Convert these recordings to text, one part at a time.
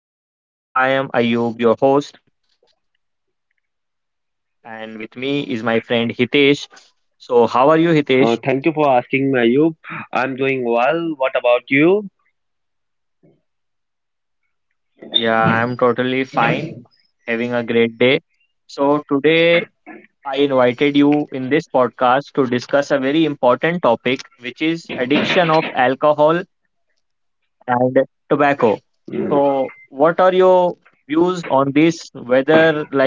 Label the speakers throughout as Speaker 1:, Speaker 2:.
Speaker 1: welcome back to our another episode of podcast. I am Ayub, your host, and with me is my friend Hitesh. So, how are you,
Speaker 2: Thank
Speaker 1: Hitesh?
Speaker 2: you for asking me, I'm doing well. What about you?
Speaker 1: Yeah, I'm totally fine, having a great day. So, today I invited you in this podcast to discuss a very important topic, which is addiction of alcohol and tobacco.
Speaker 2: Mm,
Speaker 1: So, what are your views on this? Whether like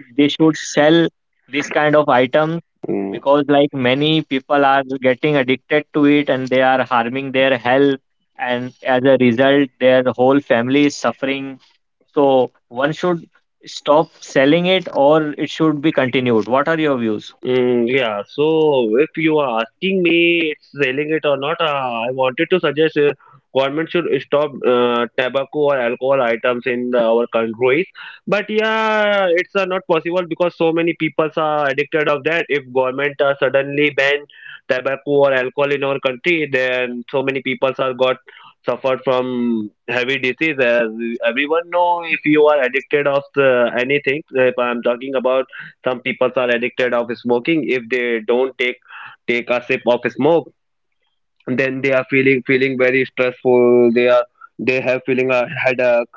Speaker 1: they should sell this kind of items?
Speaker 2: mm.
Speaker 1: Because like many people are getting addicted to it and they are harming their health, and as a result their whole family is suffering. So one should stop selling it, or it should be continued. What are your views?
Speaker 2: Yeah, so if you are asking me it's selling it or not, I wanted to suggest government should stop tobacco or alcohol items in our countries. But yeah, it's not possible because so many people are addicted of that. If government suddenly ban tobacco or alcohol in our country, then so many people are got suffered from heavy disease. As everyone know, if you are addicted of anything, if I'm talking about some people are addicted of smoking. If they don't take a sip of smoke, then they are feeling very stressful. They have feeling a headache.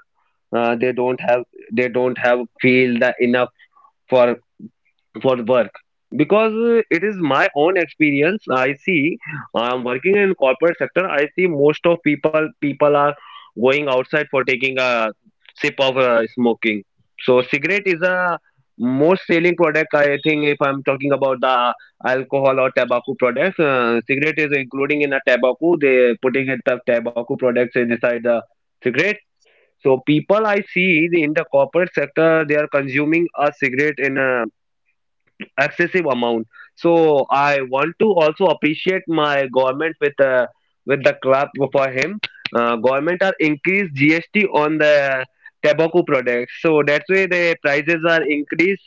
Speaker 2: They don't have they don't have feel the enough for for work because it is my own experience. I see I'm working in corporate sector. I see most of people are going outside for taking a sip of smoking. So cigarette is a most selling product, I think. If I'm talking about the alcohol or tobacco products, cigarette is including in a tobacco. They putting it the tobacco products inside the cigarette. So people, I see in the corporate sector, they are consuming a cigarette in a excessive amount. So I want to also appreciate my government with the clap for him. Government are increased GST on the tobacco products, so that's why the prices are increased.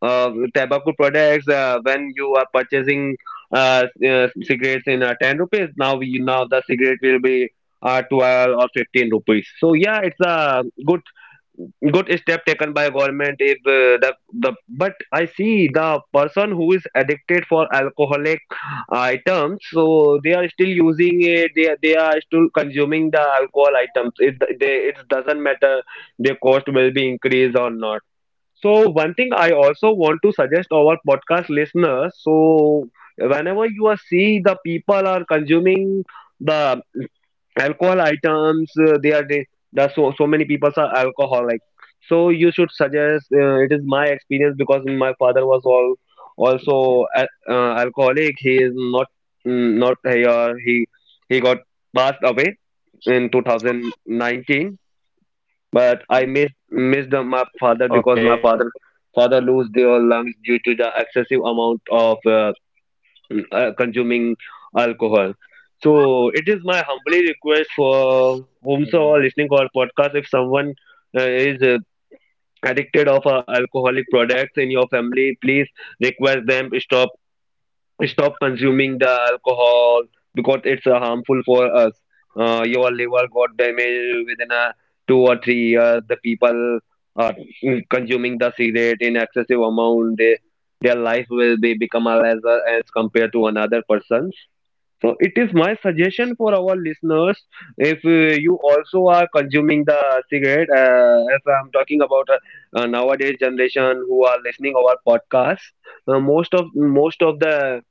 Speaker 2: Tobacco products, when you are purchasing cigarettes in 10 rupees, now the cigarette will be 12 or 15 rupees. So yeah, it's a good step taken by government. If uh, the the but I see the person who is addicted for alcoholic items, so they are still using it. They are still consuming the alcohol items. It doesn't matter their cost will be increased or not. So one thing I also want to suggest our podcast listeners. So whenever you are see the people are consuming the alcohol items, they are the so so many people are alcoholic. So you should suggest. It is my experience because my father was all also alcoholic. He is not, not here. He got passed away in 2019. But I missed
Speaker 1: Okay.
Speaker 2: my father because my father lose their lungs due to the excessive amount of consuming alcohol. So it is my humble request
Speaker 1: Um,
Speaker 2: for whomsoever listening to our podcast. If someone is addicted of alcoholic products in your family, please request them stop consuming the alcohol because it's harmful for us. Your liver got damaged within a 2 or 3 years. The people are consuming the cigarette in excessive amount. They, their life will be become a lesser as compared to another person. So it is my suggestion for our listeners. If you also are consuming the cigarette, as I'm talking about nowadays generation who are listening our podcast, most of the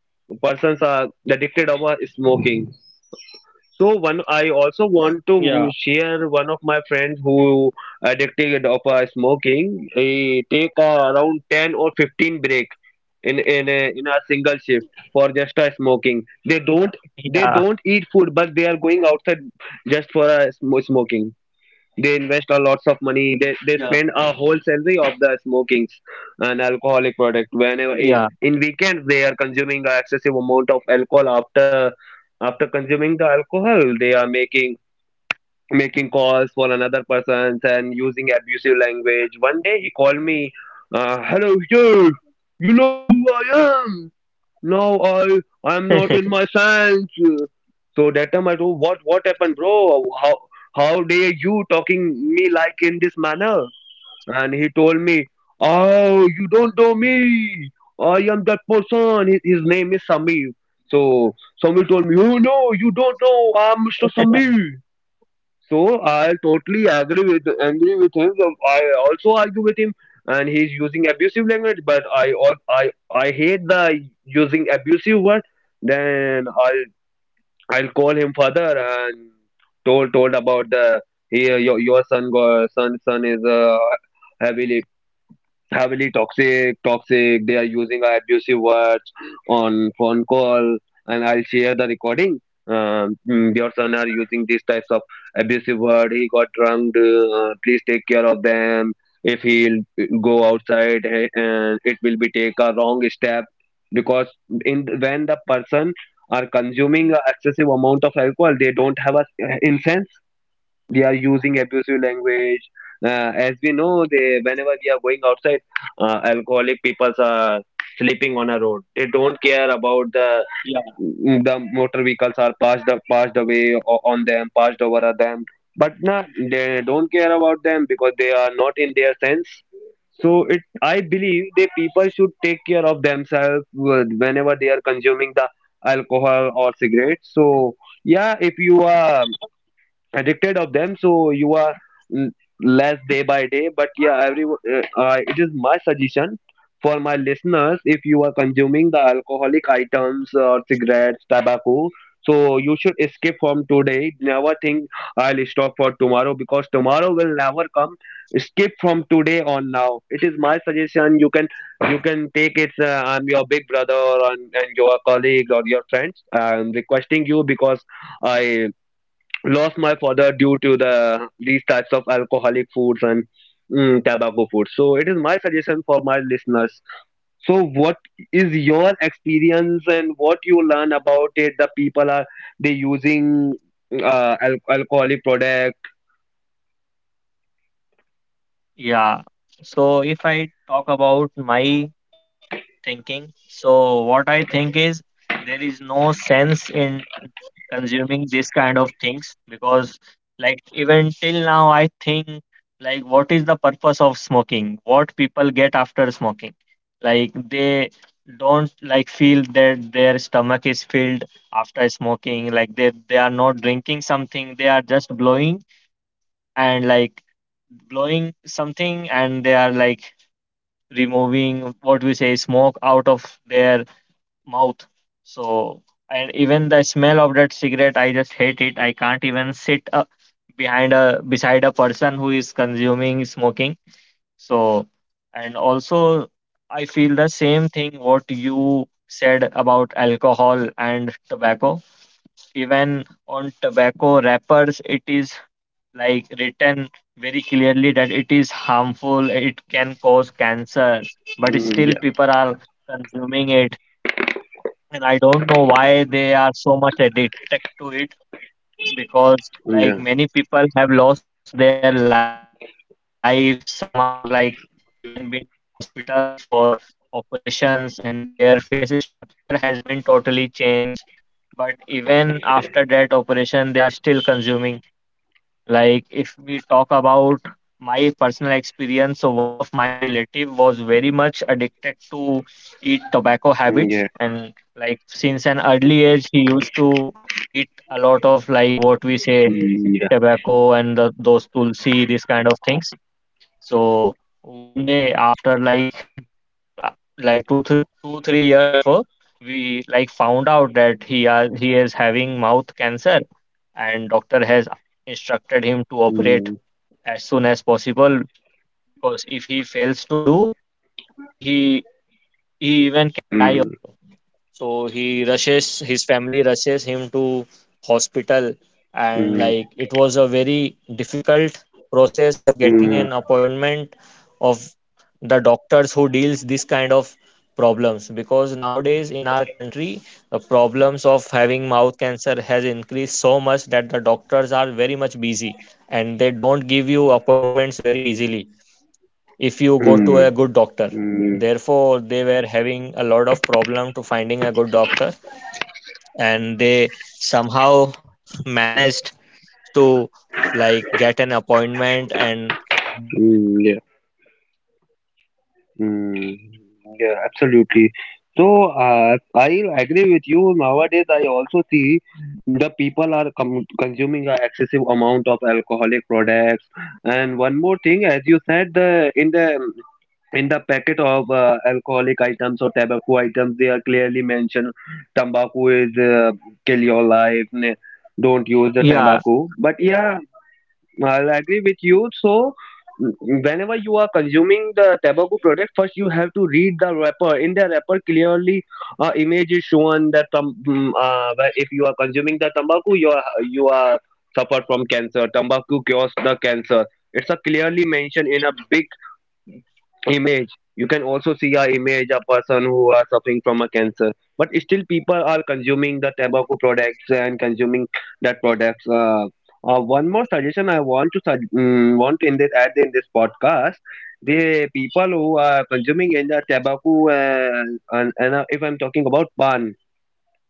Speaker 2: persons are addicted over smoking. So one, I also
Speaker 1: Yeah.
Speaker 2: want to share one of my friends who addicted of smoking. He take around 10 or 15 break in a single shift for just a smoking.
Speaker 1: Yeah.
Speaker 2: They don't eat food, but they are going outside just for a smoking. They invest a lots of money.
Speaker 1: Yeah.
Speaker 2: They spend a whole salary of the smokings and alcoholic product. Whenever
Speaker 1: Yeah.
Speaker 2: in weekends, they are consuming a excessive amount of alcohol. After consuming the alcohol, they are making calls for another persons and using abusive language. One day he called me, "Hello, sir. You know who I am?" "No, I I'm not in my sense." So that time I told, what happened, bro? How dare you talking me like in this manner? And he told me, oh, you don't know me. I am that person. His name is Samir. So Samir told me, oh no, you don't know. I'm Mr. Samir. So I totally agree with him. I also argue with him, and he's using abusive language. But I I hate the using abusive word. Then I'll call him father and told about the, here your son go son son is heavily heavily toxic, toxic. They are using abusive words on phone call, and I'll share the recording. Your son are using these types of abusive word. He got drunk. Please take care of them. If he'll go outside, it will be take a wrong step, because in when the person are consuming a excessive amount of alcohol, they don't have a sense. They are using abusive language. As we know, they whenever we are going outside, alcoholic people are sleeping on a road. They don't care about the
Speaker 1: Yeah.
Speaker 2: the motor vehicles are passed away on them, passed over on them. But nah, they don't care about them because they are not in their sense. So it, I believe the people should take care of themselves whenever they are consuming the alcohol or cigarettes. So yeah, if you are addicted of them, so you are mm, less day by day. But yeah, every it is my suggestion for my listeners. If you are consuming the alcoholic items or cigarettes tobacco, so you should escape from today. Never think I'll stop for tomorrow, because tomorrow will never come. Skip from today on now. It is my suggestion. You can take it. I'm your big brother, and your colleague or your friends, I'm requesting you because I lost my father due to the these types of alcoholic foods and tobacco foods. So it is my suggestion for my listeners. So what is your experience, and what you learn about it? The people are they using alcoholic product.
Speaker 1: Yeah. So if I talk about my thinking, so what I think is there is no sense in consuming this kind of things, because, like, even till now, I think, like, what is the purpose of smoking? What people get after smoking? Like, they don't like feel that their stomach is filled after smoking, like they are not drinking something, they are just blowing and like blowing something, and they are like removing what we say smoke out of their mouth. So, and even the smell of that cigarette, I just hate it. I can't even sit behind a beside a person who is consuming smoking. So, and also I feel the same thing what you said about alcohol and tobacco. Even on tobacco wrappers, it is like written very clearly that it is harmful, it can cause cancer, but
Speaker 2: Mm,
Speaker 1: still
Speaker 2: yeah
Speaker 1: people are consuming it, and I don't know why they are so much addicted to it, because
Speaker 2: yeah
Speaker 1: like many people have lost their lives. Some are like even been to hospitals for operations, and their face structure has been totally changed. But even after that operation, they are still consuming. Like, if we talk about my personal experience, so one of my relative was very much addicted to eat tobacco
Speaker 2: yeah
Speaker 1: habits, and like since an early age, he used to eat a lot of like what we say
Speaker 2: mm, yeah
Speaker 1: tobacco and the, those tulsi, these kind of things. So one day, after like two, 3 years before, we like found out that he is having mouth cancer, and doctor has instructed him to
Speaker 2: mm, yeah. mm,
Speaker 1: operate as soon as possible, because if he fails to do, he he
Speaker 2: mm, mm, mm, mm, mm, yeah. Mm, Yeah, absolutely. So, I agree with you. Nowadays, I also see the people are com consuming an excessive amount of alcoholic products. And one more thing, as you said, the in the in the packet of alcoholic items or tobacco items, they are clearly mentioned, tobacco is kill your life. Don't use the tobacco. But yeah, I'll
Speaker 3: Yeah,
Speaker 2: agree with you. So, mm, whenever you are consuming the tobacco product, first you have to read the wrapper. In the wrapper, clearly, image is shown that where if you are consuming the tobacco, you are suffer from cancer. Tobacco cures the cancer. It's a clearly mentioned in a big image. You can also see a image, a person who are suffering from a cancer. But still people are consuming the tobacco products and consuming that products. One more suggestion I want to want in this add in this podcast, the people who are consuming in the tobacco, and if I'm talking about pan,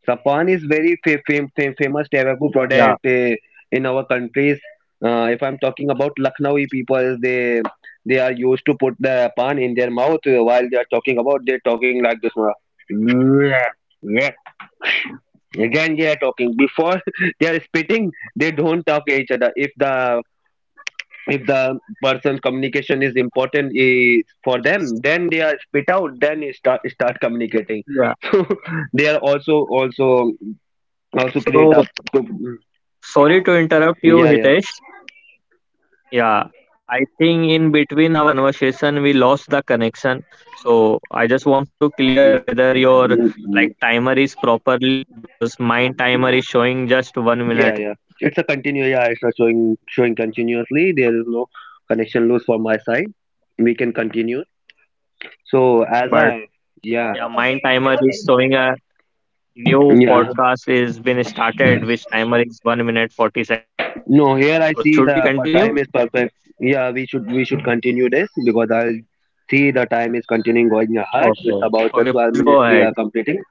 Speaker 2: Sapan is very famous tobacco product in our countries. If I'm talking about Lucknowi people, they are used to put the pan in their mouth while they are talking about. They're talking like this, yeah, yeah. Again, they are talking before they are spitting. They don't talk each other. If the person communication is important, for them, then they are spit out. Then you start communicating.
Speaker 3: yeah.
Speaker 2: So they are Also create up
Speaker 3: So
Speaker 2: to
Speaker 3: sorry to interrupt you,
Speaker 2: yeah. yeah
Speaker 3: Hitesh. Yeah, I think in between our conversation we lost the connection. So I just want to clear whether your like timer is properly because mine timer is showing just 1 minute.
Speaker 2: Yeah, it's a continue. Yeah, it's a showing continuously. There is no connection loss for my side. We can continue. So as
Speaker 3: But
Speaker 2: I, yeah,
Speaker 3: yeah, mine timer is showing a new
Speaker 2: yeah,
Speaker 3: podcast is been started, which timer is 1 minute forty second.
Speaker 2: no,
Speaker 3: So
Speaker 2: here I
Speaker 3: should we
Speaker 2: see the
Speaker 3: continue?
Speaker 2: time is perfect. Yeah, we should continue this because I see the time is continuing going
Speaker 3: Okay.
Speaker 2: ahead. It's
Speaker 3: Okay,
Speaker 2: about
Speaker 3: please
Speaker 2: the
Speaker 3: go
Speaker 2: 12
Speaker 3: ahead.
Speaker 2: minutes we are completing.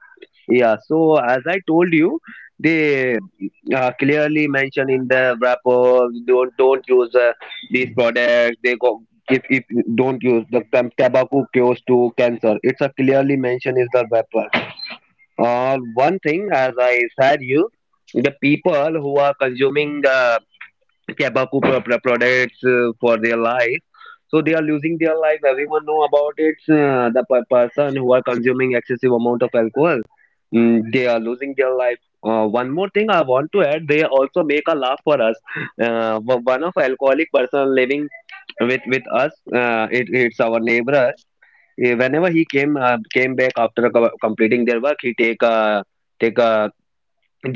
Speaker 2: Yeah, so as I told you, they clearly mention in the wrapper, don't use these products. They go, if don't use the tobacco cures to cancer. It's a clearly mentioned is the wrapper. One thing as I said you, the people who are consuming the tobacco products for their life, so they are losing their life. Everyone know about it. The person who are consuming excessive amount of alcohol, they are losing their life. One more thing I want to add, they also make a laugh for us. One of alcoholic person living with us, it's our neighbor. Whenever he came came back after completing their work, he take a take a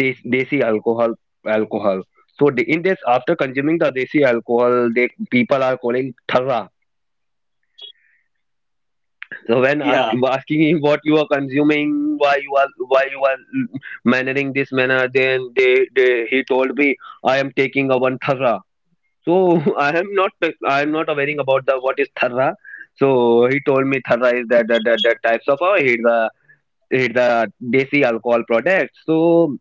Speaker 2: des- desi alcohol. So the- in this after consuming the desi alcohol, they people are calling tharra. So
Speaker 3: Yeah.
Speaker 2: asking him, what you are consuming, why you are why you are mannering this manner, then they he told me, I am taking a one tharra. So i am not I am not aware about the what is tharra. So he told me tharra is that types of, it's the it's the desi alcohol product. So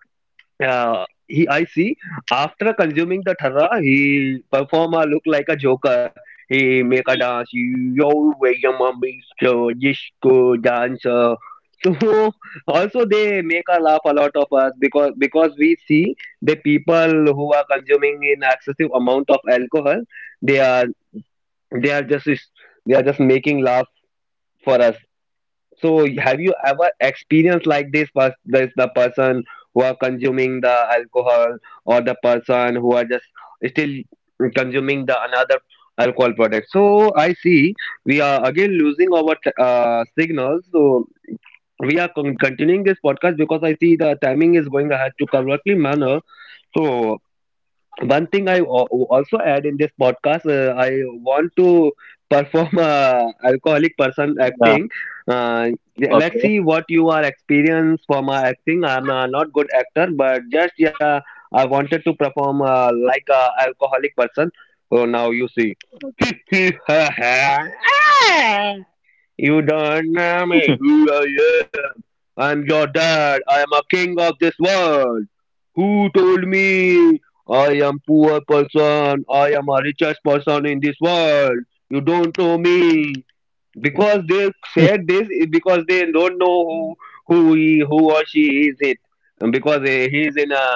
Speaker 2: he I see, after consuming the thara, he perform a look like a joker. He make a dance. Yo, way your mummy, so disco dancer. So also they make a laugh a lot of us because we see the people who are consuming in excessive amount of alcohol, they are they are just they are just making laugh for us. So have you ever experienced like this? Was this the person who are consuming the alcohol, or the person who are just still consuming the another alcohol product? So I see we are again losing our signals. So we are continuing this podcast because I see the timing is going ahead to correctly manner. So one thing I also add in this podcast, I want to perform a alcoholic person acting.
Speaker 4: Yeah.
Speaker 2: Uh, yeah, let's see what you are
Speaker 4: Okay.
Speaker 2: experienced for my acting. I'm not good actor, but just yeah, I wanted to perform like a alcoholic person. Oh, now you see. You don't know me who I am. I'm your dad. I am a king of this world. Who told me I am poor person? I am a richest person in this world. You don't know me because they said this is because they don't know who who or she is it. And because he is in a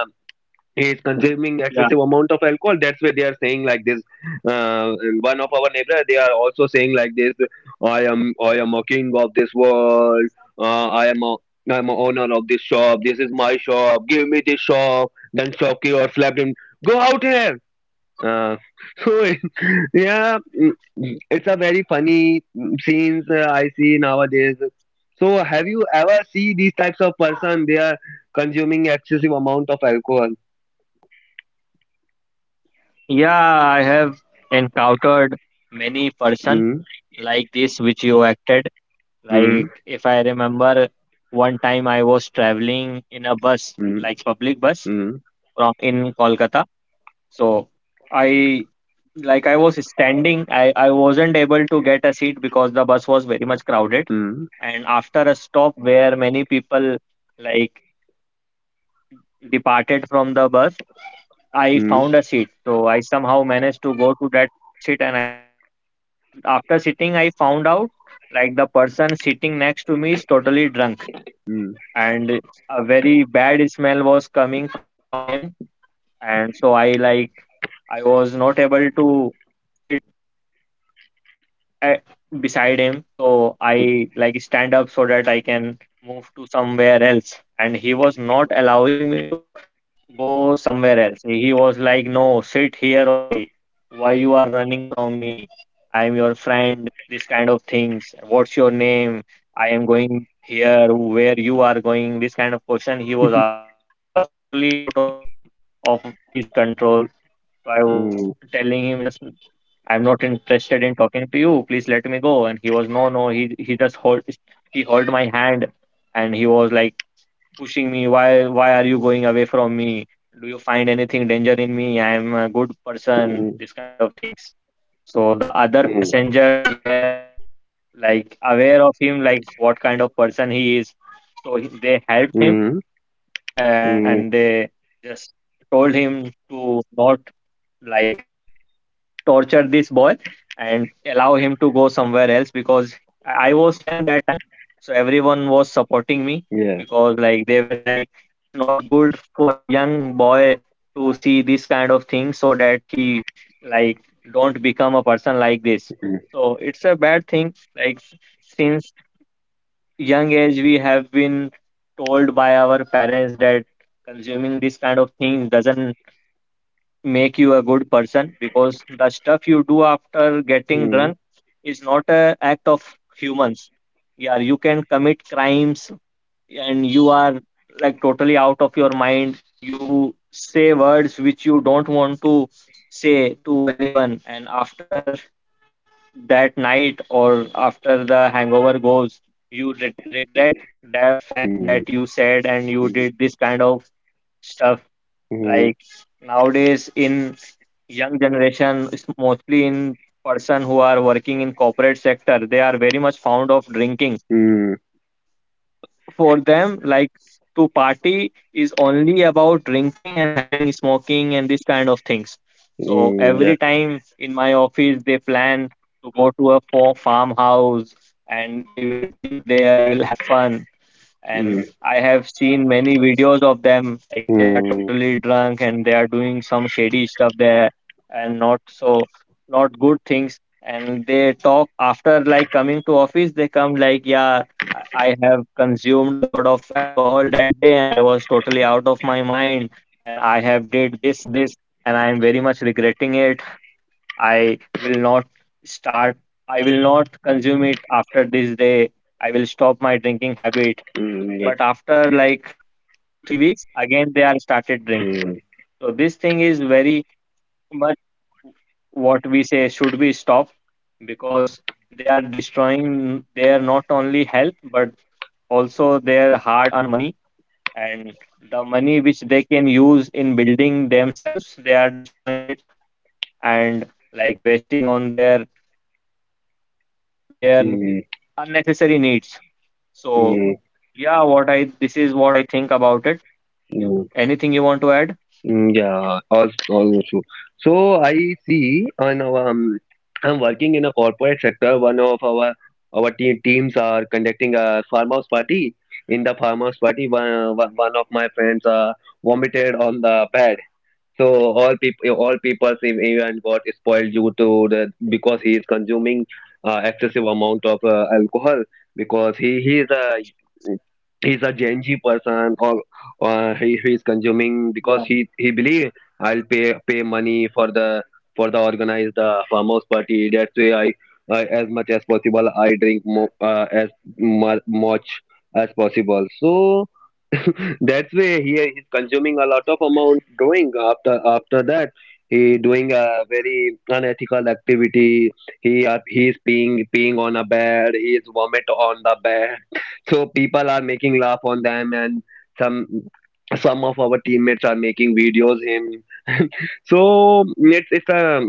Speaker 4: yeah.
Speaker 2: is consuming excessive amount of alcohol, that's why they are saying like this. uh, One of our neighbor, they are also saying like this, I am a king of this world. uh, i am a I'm a owner of this shop. This is my shop, give me this shop. Then shopkeeper slapped him, go out here. uh, so yeah, it's a very funny scenes, I see nowadays. So have you ever see these types of person, they are consuming excessive amount of alcohol?
Speaker 4: Yeah. I have encountered many person
Speaker 2: Hmm?
Speaker 4: like this which you acted.
Speaker 2: Mm,
Speaker 4: Like if I remember, one time I was traveling in a bus,
Speaker 2: mm,
Speaker 4: like public bus
Speaker 2: mm,
Speaker 4: from in Kolkata. So I I was standing. I wasn't able to get a seat because the bus was very much crowded.
Speaker 2: mm,
Speaker 4: And after a stop where many people like departed from the bus, I
Speaker 2: mm,
Speaker 4: found a seat. So I somehow managed to go to that seat and I seated there. But after sitting, I found out like the person sitting next to me is totally drunk,
Speaker 2: mm,
Speaker 4: and a very bad smell was coming from him. And so I I was not able to sit a- beside him. So I like stand up so that I can move to somewhere else. And he was not allowing me to go somewhere else. He was like, no, sit here only. Why you are running from me? I am your friend. This kind of things. What's your name? I am going here. Where you are going? This kind of question he was asking, and he was totally out of his control. So I was
Speaker 2: mm,
Speaker 4: telling him, just I'm not interested in talking to you. Please let me go. And he was, no, no. He just hold he held my hand, and he was like pushing me, why are you going away from me? Do you find anything danger in me? I am a good person. This kind of things. So the other
Speaker 2: mm,
Speaker 4: passengers were like aware of him, like what kind of person he is. So they helped
Speaker 2: mm,
Speaker 4: him,
Speaker 2: mm,
Speaker 4: and
Speaker 2: mm,
Speaker 4: they just told him to not, like, torture this boy and allow him to go somewhere else, because I was young that time. So everyone was supporting me
Speaker 2: yeah,
Speaker 4: because, like, they were like, it's not good for a young boy to see this kind of thing so that he, like, don't become a person like this.
Speaker 2: mm,
Speaker 4: So it's a bad thing. Like, since young age we have been told by our parents that consuming this kind of things doesn't make you a good person, because the stuff you do after getting
Speaker 2: mm,
Speaker 4: drunk is not a act of humans. Yeah, you can commit crimes and you are like totally out of your mind. You say words which you don't want to say to anyone, and after that night or after the hangover goes, you regret the
Speaker 2: mm,
Speaker 4: fact
Speaker 2: mm,
Speaker 4: that you said and you did this kind of stuff.
Speaker 2: mm,
Speaker 4: Like, nowadays in young generation, it's mostly in person who are working in corporate sector, they are very much fond of drinking.
Speaker 2: mm,
Speaker 4: For them, like, to party is only about drinking and having smoking and this kind of things. So
Speaker 2: mm, yeah,
Speaker 4: every time in my office, they plan to go to a farmhouse and we will drink there, we will have fun, and
Speaker 2: mm,
Speaker 4: I have seen many videos of them. Like they are
Speaker 2: mm,
Speaker 4: totally drunk and they are doing some shady stuff there, and not good things. And they talk after, like, coming to office. They come like, yeah, I have consumed a lot of alcohol that day, and I was totally out of my mind, and I have did this, and I am very much regretting it. I will not start. I will not consume it after this day. I will stop my drinking habit,
Speaker 2: mm, yeah,
Speaker 4: but after like 2-3 weeks again they are started drinking.
Speaker 2: mm,
Speaker 4: So this thing is very much, what we say, should be stopped because they are destroying their not only health but also their hard earned money, and the money which they can use in building themselves they are destroying it and like wasting on their
Speaker 2: mm, mm,
Speaker 4: unnecessary needs. So
Speaker 2: mm,
Speaker 4: yeah, what I this is what I think about it.
Speaker 2: mm.
Speaker 4: Anything you want to add?
Speaker 2: Mm, yeah, also true. So I see on our, I'm working in a corporate sector. One of our te teams are conducting a farmhouse party. In the farmhouse party, one of my friends vomited on the bed. So all people, even got spoiled due to the because he is consuming excessive amount of alcohol, because he's a Gen Z person. Or he is consuming because he believe,
Speaker 4: yeah
Speaker 2: I'll pay money for the organized farmers party. That's why I, as much as possible, I drink as much as possible. So that's why he is consuming a lot of amount drawing after that. He doing a very unethical activity. He is peeing on a bed. He is vomit on the bed. So people are making laugh on them, and some some of our teammates are making videos him. So it's a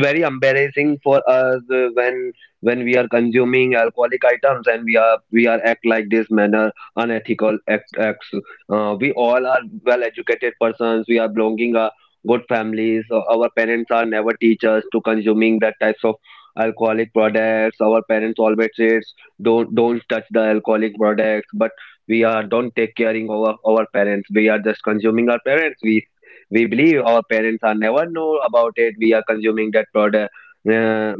Speaker 2: very embarrassing for us when we are consuming alcoholic items, and we are act like this manner, acts. We all are well-educated persons. We are belonging a good families. Our parents are never teach us to consuming that types of alcoholic products. Our parents always says don't touch the alcoholic products. But we are don't take caring of our parents. We are just consuming our parents. We believe our parents are never know about it. We are consuming that product. Uh,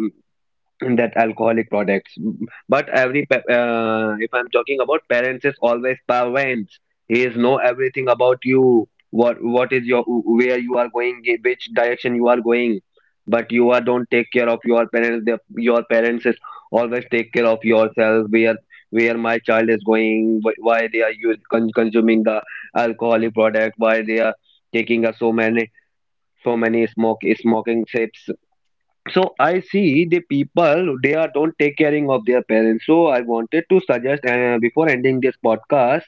Speaker 2: that alcoholic products. Mm, but if I'm talking about parents is always parents, he is know everything about you, what is your, where you are going, in which direction you are going. But you are don't take care of your parents, your parents is always take care of yourself. Where my child is going, why they are consuming the alcoholic product, why they are taking a so many smoke smoking tips. So I see the people they are don't take caring of their parents, so I wanted to suggest before ending this podcast,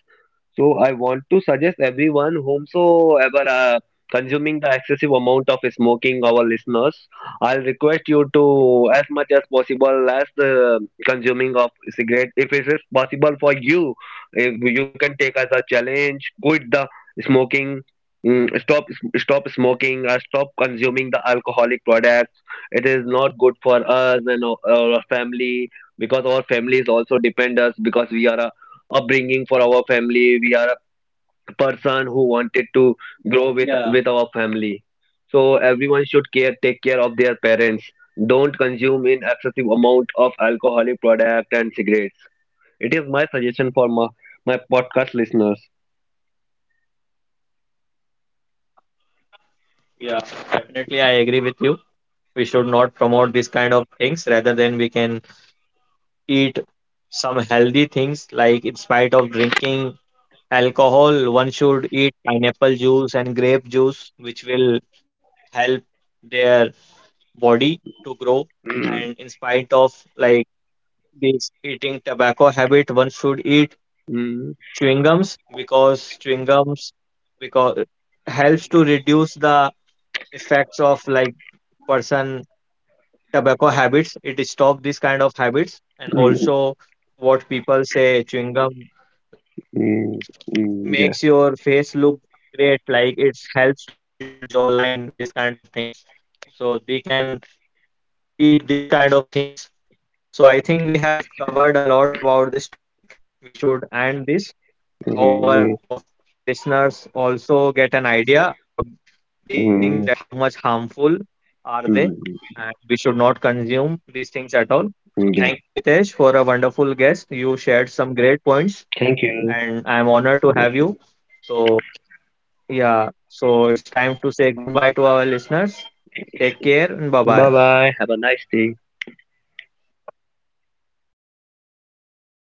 Speaker 2: so I want to suggest everyone whomsoever consuming the excessive amount of smoking, our listeners, I'll request you to, as much as possible, as the consuming of cigarette. If it is possible for you, if you can take as a challenge, quit the smoking. Stop, stop smoking. Stop consuming the alcoholic products. It is not good for us and our family, because our families also depend us, because we are a upbringing for our family, we are a person who wanted to grow with
Speaker 4: Yeah.
Speaker 2: with our family. So everyone should care take care of their parents. Don't consume in excessive amount of alcoholic product and cigarettes. It is my suggestion for my podcast listeners.
Speaker 4: Yeah, definitely, I agree with you. We should not promote these kind of things. Rather than, we can eat some healthy things, like in spite of drinking alcohol, one should eat pineapple juice and grape juice, which will help their body to grow.
Speaker 2: Mm,
Speaker 4: And in spite of, like, this eating tobacco habit, one should eat
Speaker 2: mm,
Speaker 4: chewing gums because because helps to reduce the effects of, like, person tobacco habits. It stops this kind of habits, and
Speaker 2: mm,
Speaker 4: also what people say, chewing gum, like,
Speaker 2: mm, mm,
Speaker 4: makes
Speaker 2: yeah.
Speaker 4: your face look great, like it helps to build jawline, this kind of things. So we can eat this kind of things. So I think we have covered a lot about this topic. We should end this. I hope our
Speaker 2: Mm,
Speaker 4: listeners also get an idea about these things, that
Speaker 2: mm,
Speaker 4: how
Speaker 2: mm,
Speaker 4: much harmful are they,
Speaker 2: mm,
Speaker 4: and we should not consume these things at all. So thank you,
Speaker 2: yeah,
Speaker 4: Hitesh, for a wonderful guest. You shared some great points,
Speaker 2: thank you.
Speaker 4: and I am honored to have you. So yeah, so it's time to say goodbye to our listeners. Take care and bye
Speaker 2: Bye
Speaker 4: bye.
Speaker 2: bye, have a nice day.